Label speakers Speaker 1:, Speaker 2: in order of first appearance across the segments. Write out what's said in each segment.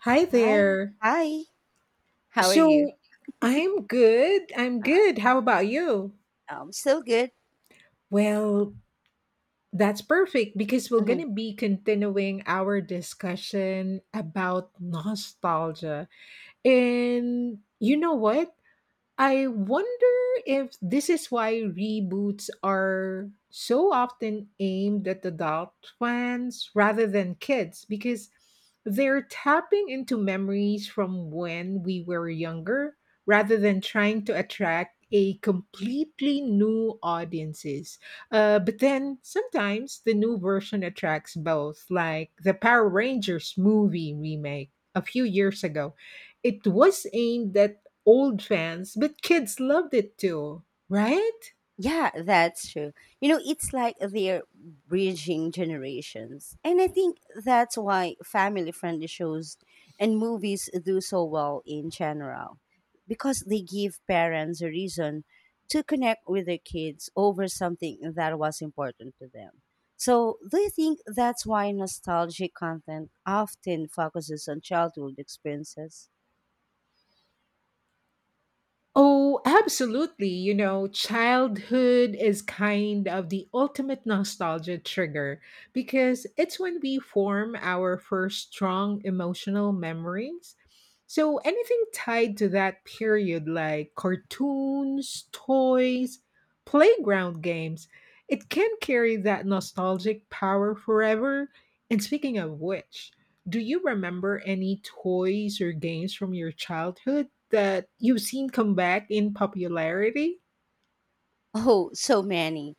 Speaker 1: Hi
Speaker 2: Hi.
Speaker 1: there.
Speaker 2: Hi. How are you?
Speaker 1: So I'm good. I'm
Speaker 2: Uh,
Speaker 1: good. How about you?
Speaker 2: am still good.
Speaker 1: Well, that's perfect because we're going
Speaker 2: hmm
Speaker 1: to be continuing our discussion about nostalgia. And you know what? I wonder if this is why reboots are so often aimed at adult fans rather than kids because they're tapping into memories from when we were younger rather than trying to attract a completely new audiences. But then sometimes the new version attracts both, like the Power Rangers movie remake a few years ago. It was aimed at old fans, but kids loved it too, right?
Speaker 2: Yeah, that's true. You know, it's like they're bridging generations. And I think that's why family friendly shows and movies do so well in general because they give parents a reason to connect with their kids over something that was important to them. So, do you think that's why nostalgic content often focuses on childhood experiences?
Speaker 1: Oh, absolutely. You know, childhood is kind of the ultimate nostalgia trigger because it's when we form our first strong emotional memories. So, anything tied to that period, like cartoons, toys, playground games, it can carry that nostalgic power forever. And speaking of which, do you remember any toys or games from your childhood that you've seen come back in popularity?
Speaker 2: Oh, so many.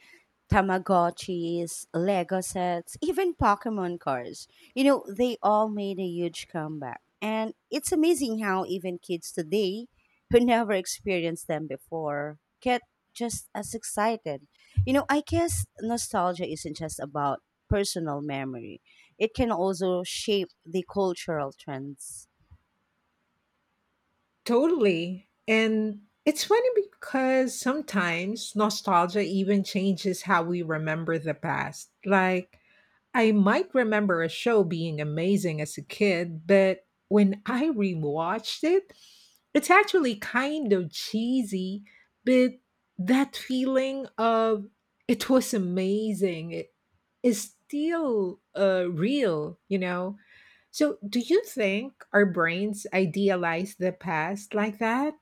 Speaker 2: Tamagotchis, Lego sets, even Pokemon cards. You know, they all made a huge comeback. And it's amazing how even kids today who never experienced them before get just as excited. You know, I guess nostalgia isn't just about personal memory, it can also shape the cultural trends.
Speaker 1: Totally. And it's funny because sometimes nostalgia even changes how we remember the past. Like, I might remember a show being amazing as a kid, but when I rewatched it, it's actually kind of cheesy, but that feeling of it was amazing it is still real, you know? So, do you think our brains idealize the past like that?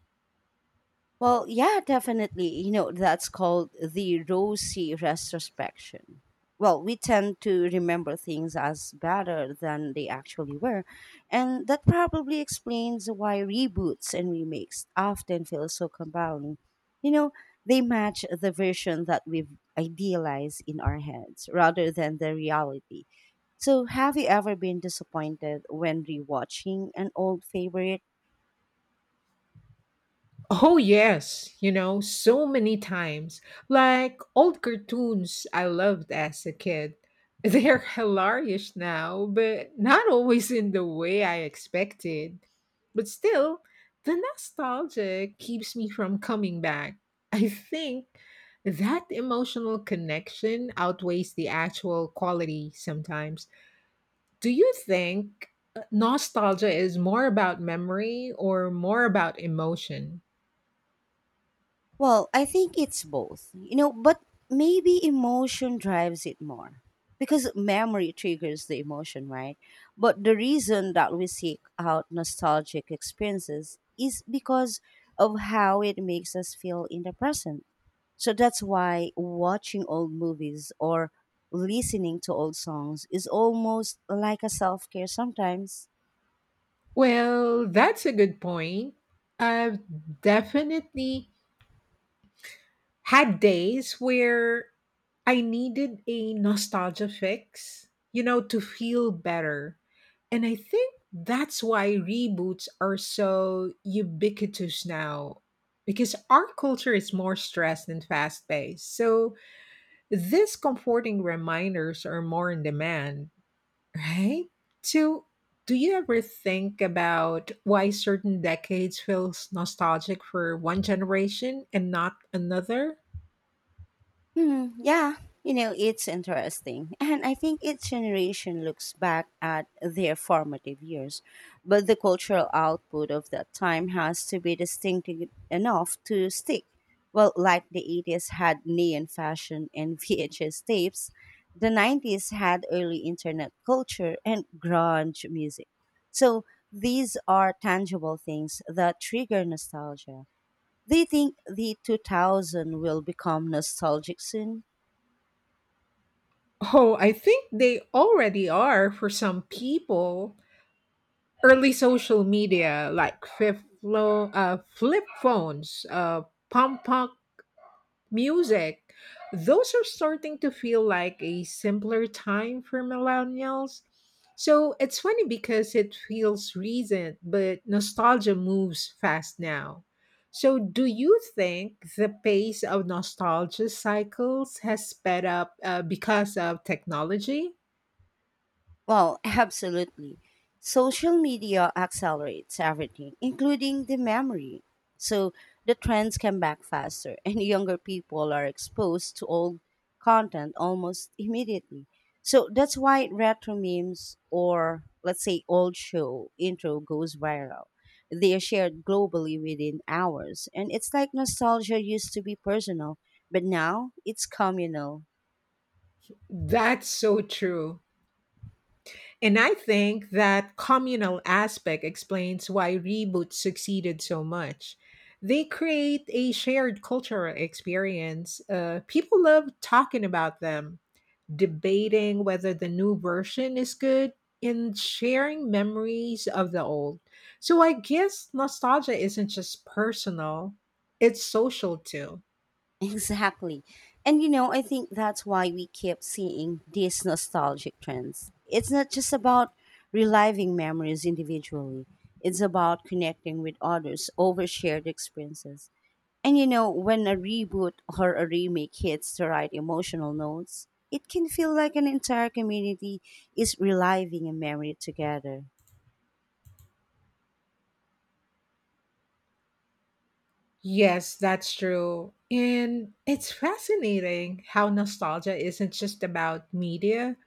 Speaker 2: Well, yeah, definitely. You know, that's called the rosy retrospection. Well, we tend to remember things as better than they actually were. And that probably explains why reboots and remakes often feel so compelling. You know, they match the version that we've idealized in our heads rather than the reality. So, have you ever been disappointed when rewatching an old favorite?
Speaker 1: Oh, yes, you know, so many times. Like old cartoons I loved as a kid. They're hilarious now, but not always in the way I expected. But still, the nostalgia keeps me from coming back. I think that emotional connection outweighs the actual quality sometimes. Do you think nostalgia is more about memory or more about emotion?
Speaker 2: Well, I think it's both, you know, but maybe emotion drives it more because memory triggers the emotion, right? But the reason that we seek out nostalgic experiences is because of how it makes us feel in the present. So that's why watching old movies or listening to old songs is almost like a self care sometimes.
Speaker 1: Well, that's a good point. I've definitely had days where I needed a nostalgia fix, you know, to feel better. And I think that's why reboots are so ubiquitous now because our culture is more stressed and fast paced. So these comforting reminders are more in demand, right? So, do you ever think about why certain decades feels nostalgic for one generation and not another?
Speaker 2: Hmm, yeah, you know, it's interesting. And I think each generation looks back at their formative years, but the cultural output of that time has to be distinctive enough to stick. Well, like the 80s had neon fashion and VHS tapes, the 90s had early internet culture and grunge music. So these are tangible things that trigger nostalgia. Do you think the 2000 will become nostalgic soon?
Speaker 1: Oh, I think they already are for some people. Early social media like flip phones, pump punk music, those are starting to feel like a simpler time for millennials. So it's funny because it feels recent, but nostalgia moves fast now. So, do you think the pace of nostalgia cycles has sped up because of technology?
Speaker 2: Well, absolutely. Social media accelerates everything, including the memory. So the trends come back faster, and younger people are exposed to old content almost immediately. So that's why retro memes or let's say old show intro goes viral. They are shared globally within hours. And it's like nostalgia used to be personal, but now it's communal.
Speaker 1: That's so true. And I think that communal aspect explains why reboots succeeded so much. They create a shared cultural experience. People love talking about them, debating whether the new version is good, and sharing memories of the old. So I guess nostalgia isn't just personal, it's social too.
Speaker 2: Exactly. And you know, I think that's why we keep seeing these nostalgic trends. It's not just about reliving memories individually, it's about connecting with others over shared experiences. And you know, when a reboot or a remake hits the right emotional notes, it can feel like an entire community is reliving a memory together.
Speaker 1: Yes, that's true. And it's fascinating how nostalgia isn't just about media,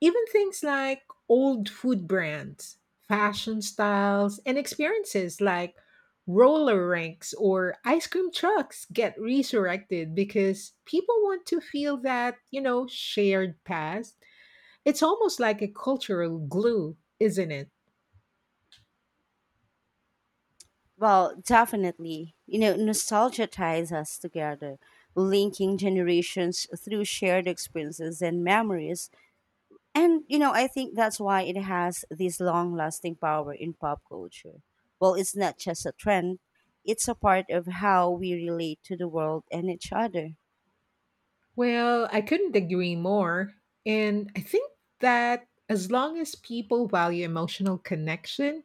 Speaker 1: even things like old food brands, fashion styles, and experiences like roller rinks or ice cream trucks get resurrected because people want to feel that, you know, shared past. It's almost like a cultural glue, isn't it?
Speaker 2: Well, definitely. You know, nostalgia ties us together, linking generations through shared experiences and memories. And, you know, I think that's why it has this long lasting power in pop culture. Well, it's not just a trend, it's a part of how we relate to the world and each other.
Speaker 1: Well, I couldn't agree more. And I think that as long as people value emotional connection,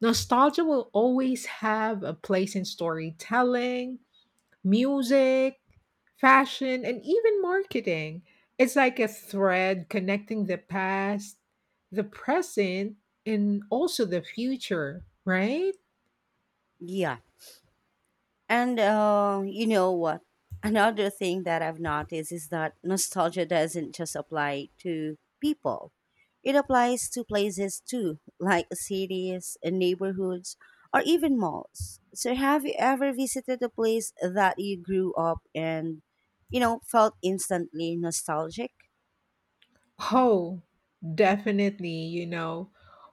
Speaker 1: nostalgia will always have a place in storytelling, music, fashion, and even marketing. It's like a thread connecting the past, the present, and also the future, right?
Speaker 2: Yeah. And you know what? Another thing that I've noticed is that nostalgia doesn't just apply to people, it applies to places too, like cities, neighborhoods, or even malls. So, have you ever visited a place that you grew up and, you know, felt instantly nostalgic?
Speaker 1: Oh, definitely. You know,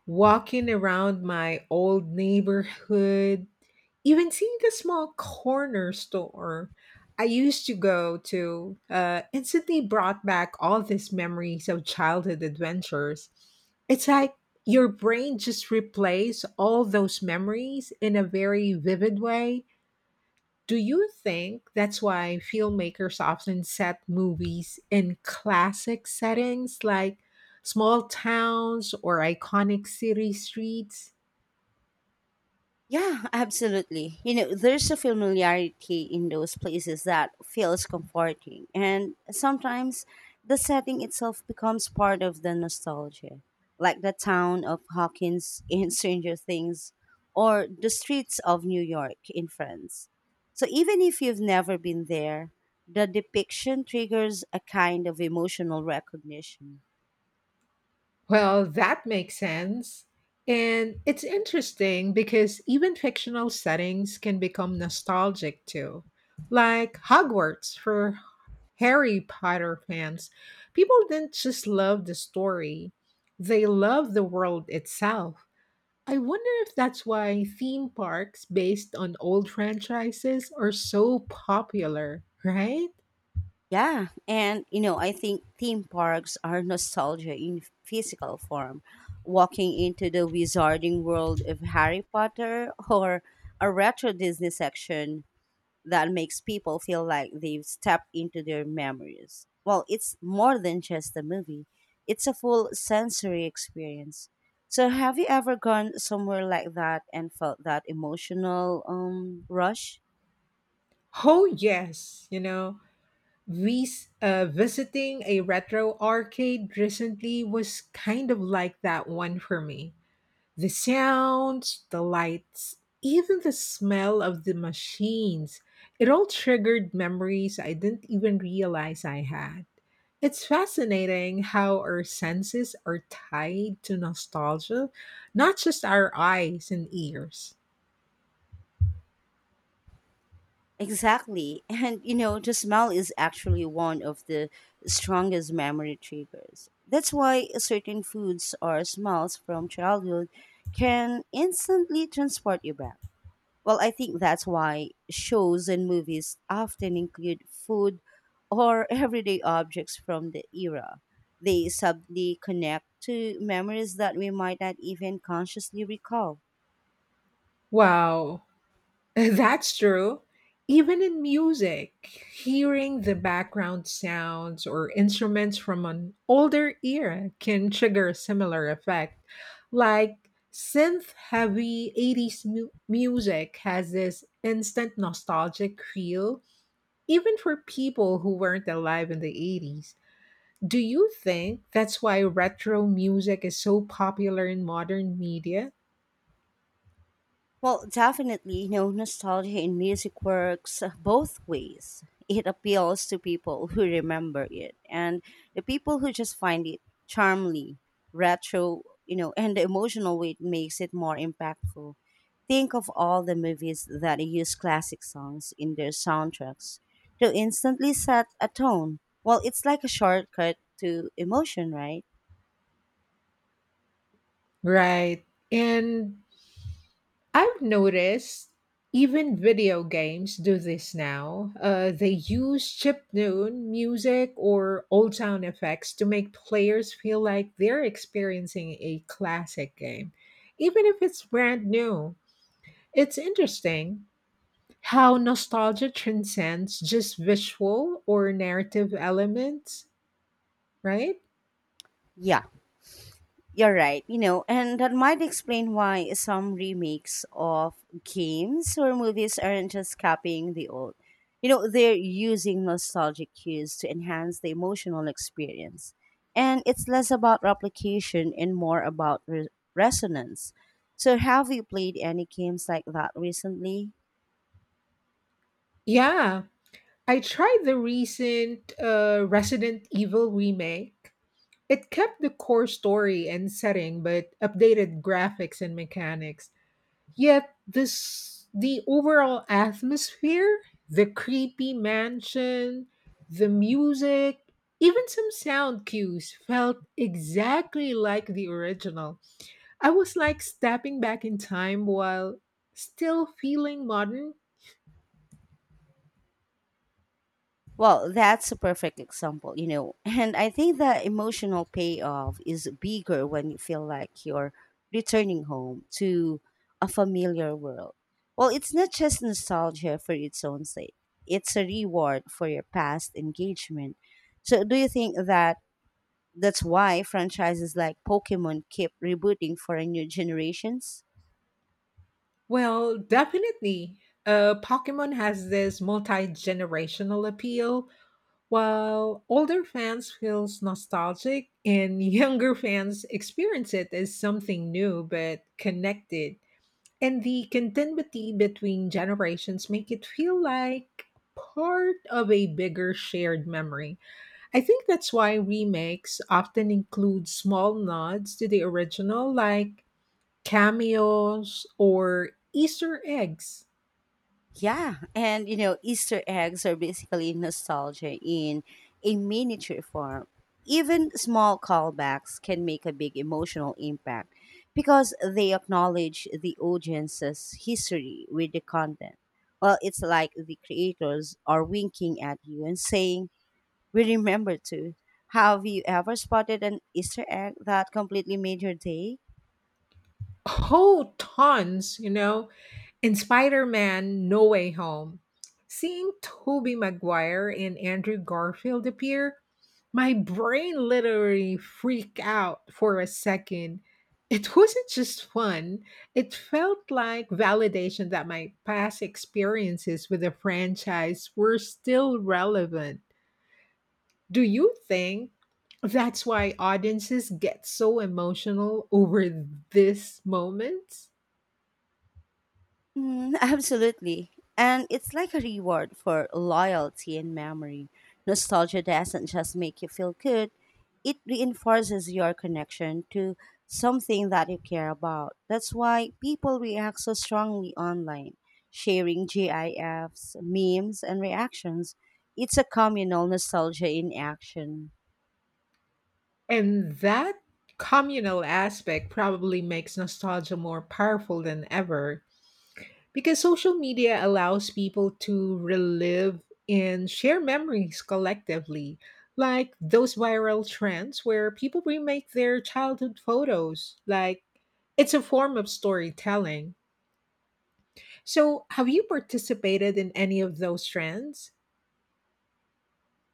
Speaker 1: walking around my old neighborhood, even seeing the small corner store I used to go to, instantly brought back all these memories of childhood adventures. It's like your brain just replays all those memories in a very vivid way. Do you think that's why filmmakers often set movies in classic settings like small towns or iconic city streets?
Speaker 2: Yeah, absolutely. You know, there's a familiarity in those places that feels comforting, and sometimes the setting itself becomes part of the nostalgia, like the town of Hawkins in Stranger Things or the streets of New York in Friends. So even if you've never been there, the depiction triggers a kind of emotional recognition.
Speaker 1: Well, that makes sense. And it's interesting because even fictional settings can become nostalgic too. Like Hogwarts for Harry Potter fans, people didn't just love the story, they loved the world itself. I wonder if that's why theme parks based on old franchises are so popular, right?
Speaker 2: Yeah, and you know, I think theme parks are nostalgia in physical form. Walking into the wizarding world of Harry Potter or a retro Disney section that makes people feel like they've stepped into their memories. Well, it's more than just a movie, it's a full sensory experience. So, have you ever gone somewhere like that and felt that emotional rush?
Speaker 1: Oh, yes. You know, visiting a retro arcade recently was kind of like that one for me. The sounds, the lights, even the smell of the machines, it all triggered memories I didn't even realize I had. It's fascinating how our senses are tied to nostalgia, not just our eyes and ears.
Speaker 2: Exactly. And you know, the smell is actually one of the strongest memory triggers. That's why certain foods or smells from childhood can instantly transport you back. Well, I think that's why shows and movies often include food or everyday objects from the era. They subtly connect to memories that we might not even consciously recall.
Speaker 1: Wow, that's true. Even in music, hearing the background sounds or instruments from an older era can trigger a similar effect. Like synth heavy 80s music has this instant nostalgic feel, even for people who weren't alive in the 80s. Do you think that's why retro music is so popular in modern media?
Speaker 2: Well, definitely, you know, nostalgia in music works both ways. It appeals to people who remember it and the people who just find it charmingly retro, you know, and the emotional weight makes it more impactful. Think of all the movies that use classic songs in their soundtracks to instantly set a tone. Well, it's like a shortcut to emotion, right?
Speaker 1: Right. And I've noticed even video games do this now. They use chiptune music or old sound effects to make players feel like they're experiencing a classic game, even if it's brand new. It's interesting how nostalgia transcends just visual or narrative elements, right?
Speaker 2: Yeah. You're right, you know, and that might explain why some remakes of games or movies aren't just copying the old. You know, they're using nostalgic cues to enhance the emotional experience. And it's less about replication and more about resonance. So, have you played any games like that recently?
Speaker 1: Yeah, I tried the recent Resident Evil remake. It kept the core story and setting but updated graphics and mechanics. Yet this the overall atmosphere, the creepy mansion, the music, even some sound cues felt exactly like the original. I was like stepping back in time while still feeling modern.
Speaker 2: Well, that's a perfect example, you know. And I think the emotional payoff is bigger when you feel like you're returning home to a familiar world. Well, it's not just nostalgia for its own sake, it's a reward for your past engagement. So, do you think that's why franchises like Pokemon keep rebooting for a new generations?
Speaker 1: Well, definitely. Pokemon has this multi generational appeal. While older fans feels nostalgic and younger fans experience it as something new but connected. And the continuity between generations make it feel like part of a bigger shared memory. I think that's why remakes often include small nods to the original like cameos or Easter eggs.
Speaker 2: Yeah, and you know, Easter eggs are basically nostalgia in a miniature form. Even small callbacks can make a big emotional impact because they acknowledge the audience's history with the content. Well, it's like the creators are winking at you and saying, "We remember too." Have you ever spotted an Easter egg that completely made your day?
Speaker 1: Oh, tons, you know. In Spider-Man: No Way Home, seeing Tobey Maguire and Andrew Garfield appear, my brain literally freaked out for a second. It wasn't just fun. It felt like validation that my past experiences with the franchise were still relevant. Do you think that's why audiences get so emotional over this moment?
Speaker 2: Mm, absolutely. And it's like a reward for loyalty and memory. Nostalgia doesn't just make you feel good, it reinforces your connection to something that you care about. That's why people react so strongly online, sharing GIFs, memes, and reactions. It's a communal nostalgia in action.
Speaker 1: And that communal aspect probably makes nostalgia more powerful than ever because social media allows people to relive and share memories collectively, like those viral trends where people remake their childhood photos. Like, it's a form of storytelling. So, have you participated in any of those trends?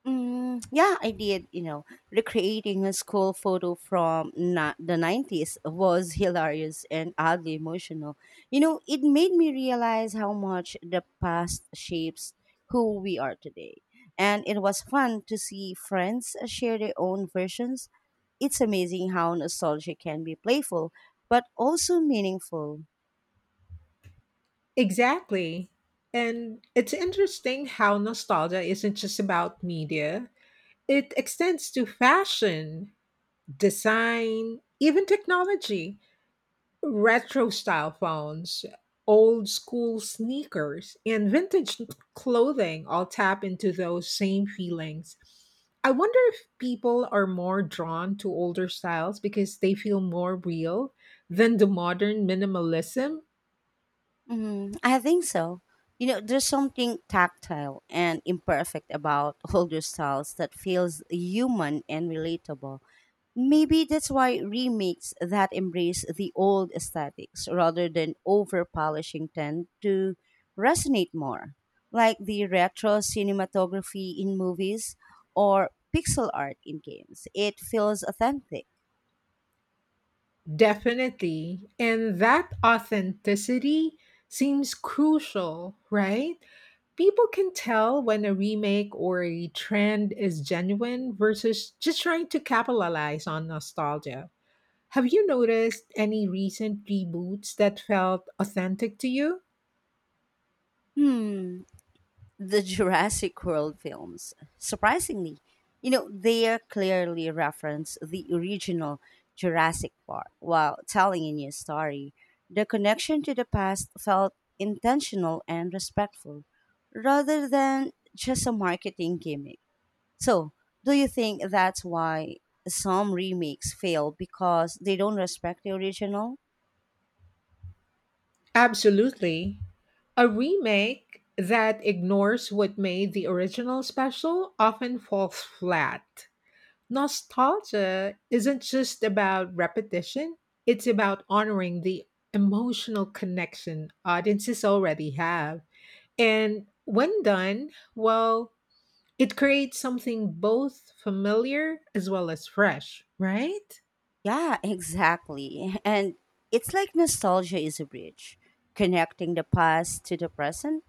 Speaker 2: Mm, yeah, I did. You know, recreating a school photo from the 90s was hilarious and oddly emotional. You know, it made me realize how much the past shapes who we are today. And it was fun to see friends share their own versions. It's amazing how nostalgia can be playful, but also meaningful.
Speaker 1: Exactly. And it's interesting how nostalgia isn't just about media. It extends to fashion, design, even technology. Retro style phones, old school sneakers, and vintage clothing all tap into those same feelings. I wonder if people are more drawn to older styles because they feel more real than the modern minimalism.
Speaker 2: Mm, I think so. You know, there's something tactile and imperfect about older styles that feels human and relatable. Maybe that's why remakes that embrace the old aesthetics rather than over polishing tend to resonate more, like the retro cinematography in movies or pixel art in games. It feels authentic.
Speaker 1: Definitely. And that authenticity seems crucial, right? People can tell when a remake or a trend is genuine versus just trying to capitalize on nostalgia. Have you noticed any recent reboots that felt authentic to you?
Speaker 2: Hmm, the Jurassic World films. Surprisingly, you know, they clearly reference the original Jurassic Park while telling a new story. The connection to the past felt intentional and respectful rather than just a marketing gimmick. So, do you think that's why some remakes fail because they don't respect the original?
Speaker 1: Absolutely. A remake that ignores what made the original special often falls flat. Nostalgia isn't just about repetition, it's about honoring the emotional connection audiences already have. And when done, well, it creates something both familiar as well as fresh, right?
Speaker 2: Yeah, exactly. And it's like nostalgia is a bridge connecting the past to the present.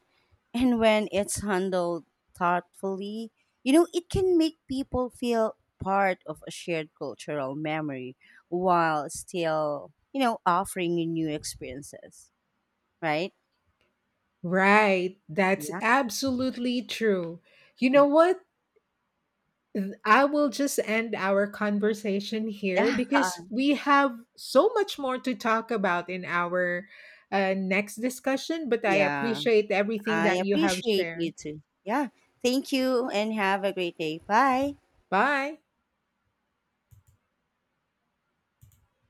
Speaker 2: And when it's handled thoughtfully, you know, it can make people feel part of a shared cultural memory while still, you know, offering you new experiences, right?
Speaker 1: Right, that's
Speaker 2: Yeah.
Speaker 1: absolutely true. You know what? I will just end our conversation here
Speaker 2: Yeah.
Speaker 1: because we have so much more to talk about in our next discussion. But I
Speaker 2: Yeah.
Speaker 1: appreciate everything
Speaker 2: I
Speaker 1: that you have
Speaker 2: appreciate
Speaker 1: shared.
Speaker 2: you too. Yeah. Thank you and have a great day. Bye.
Speaker 1: Bye.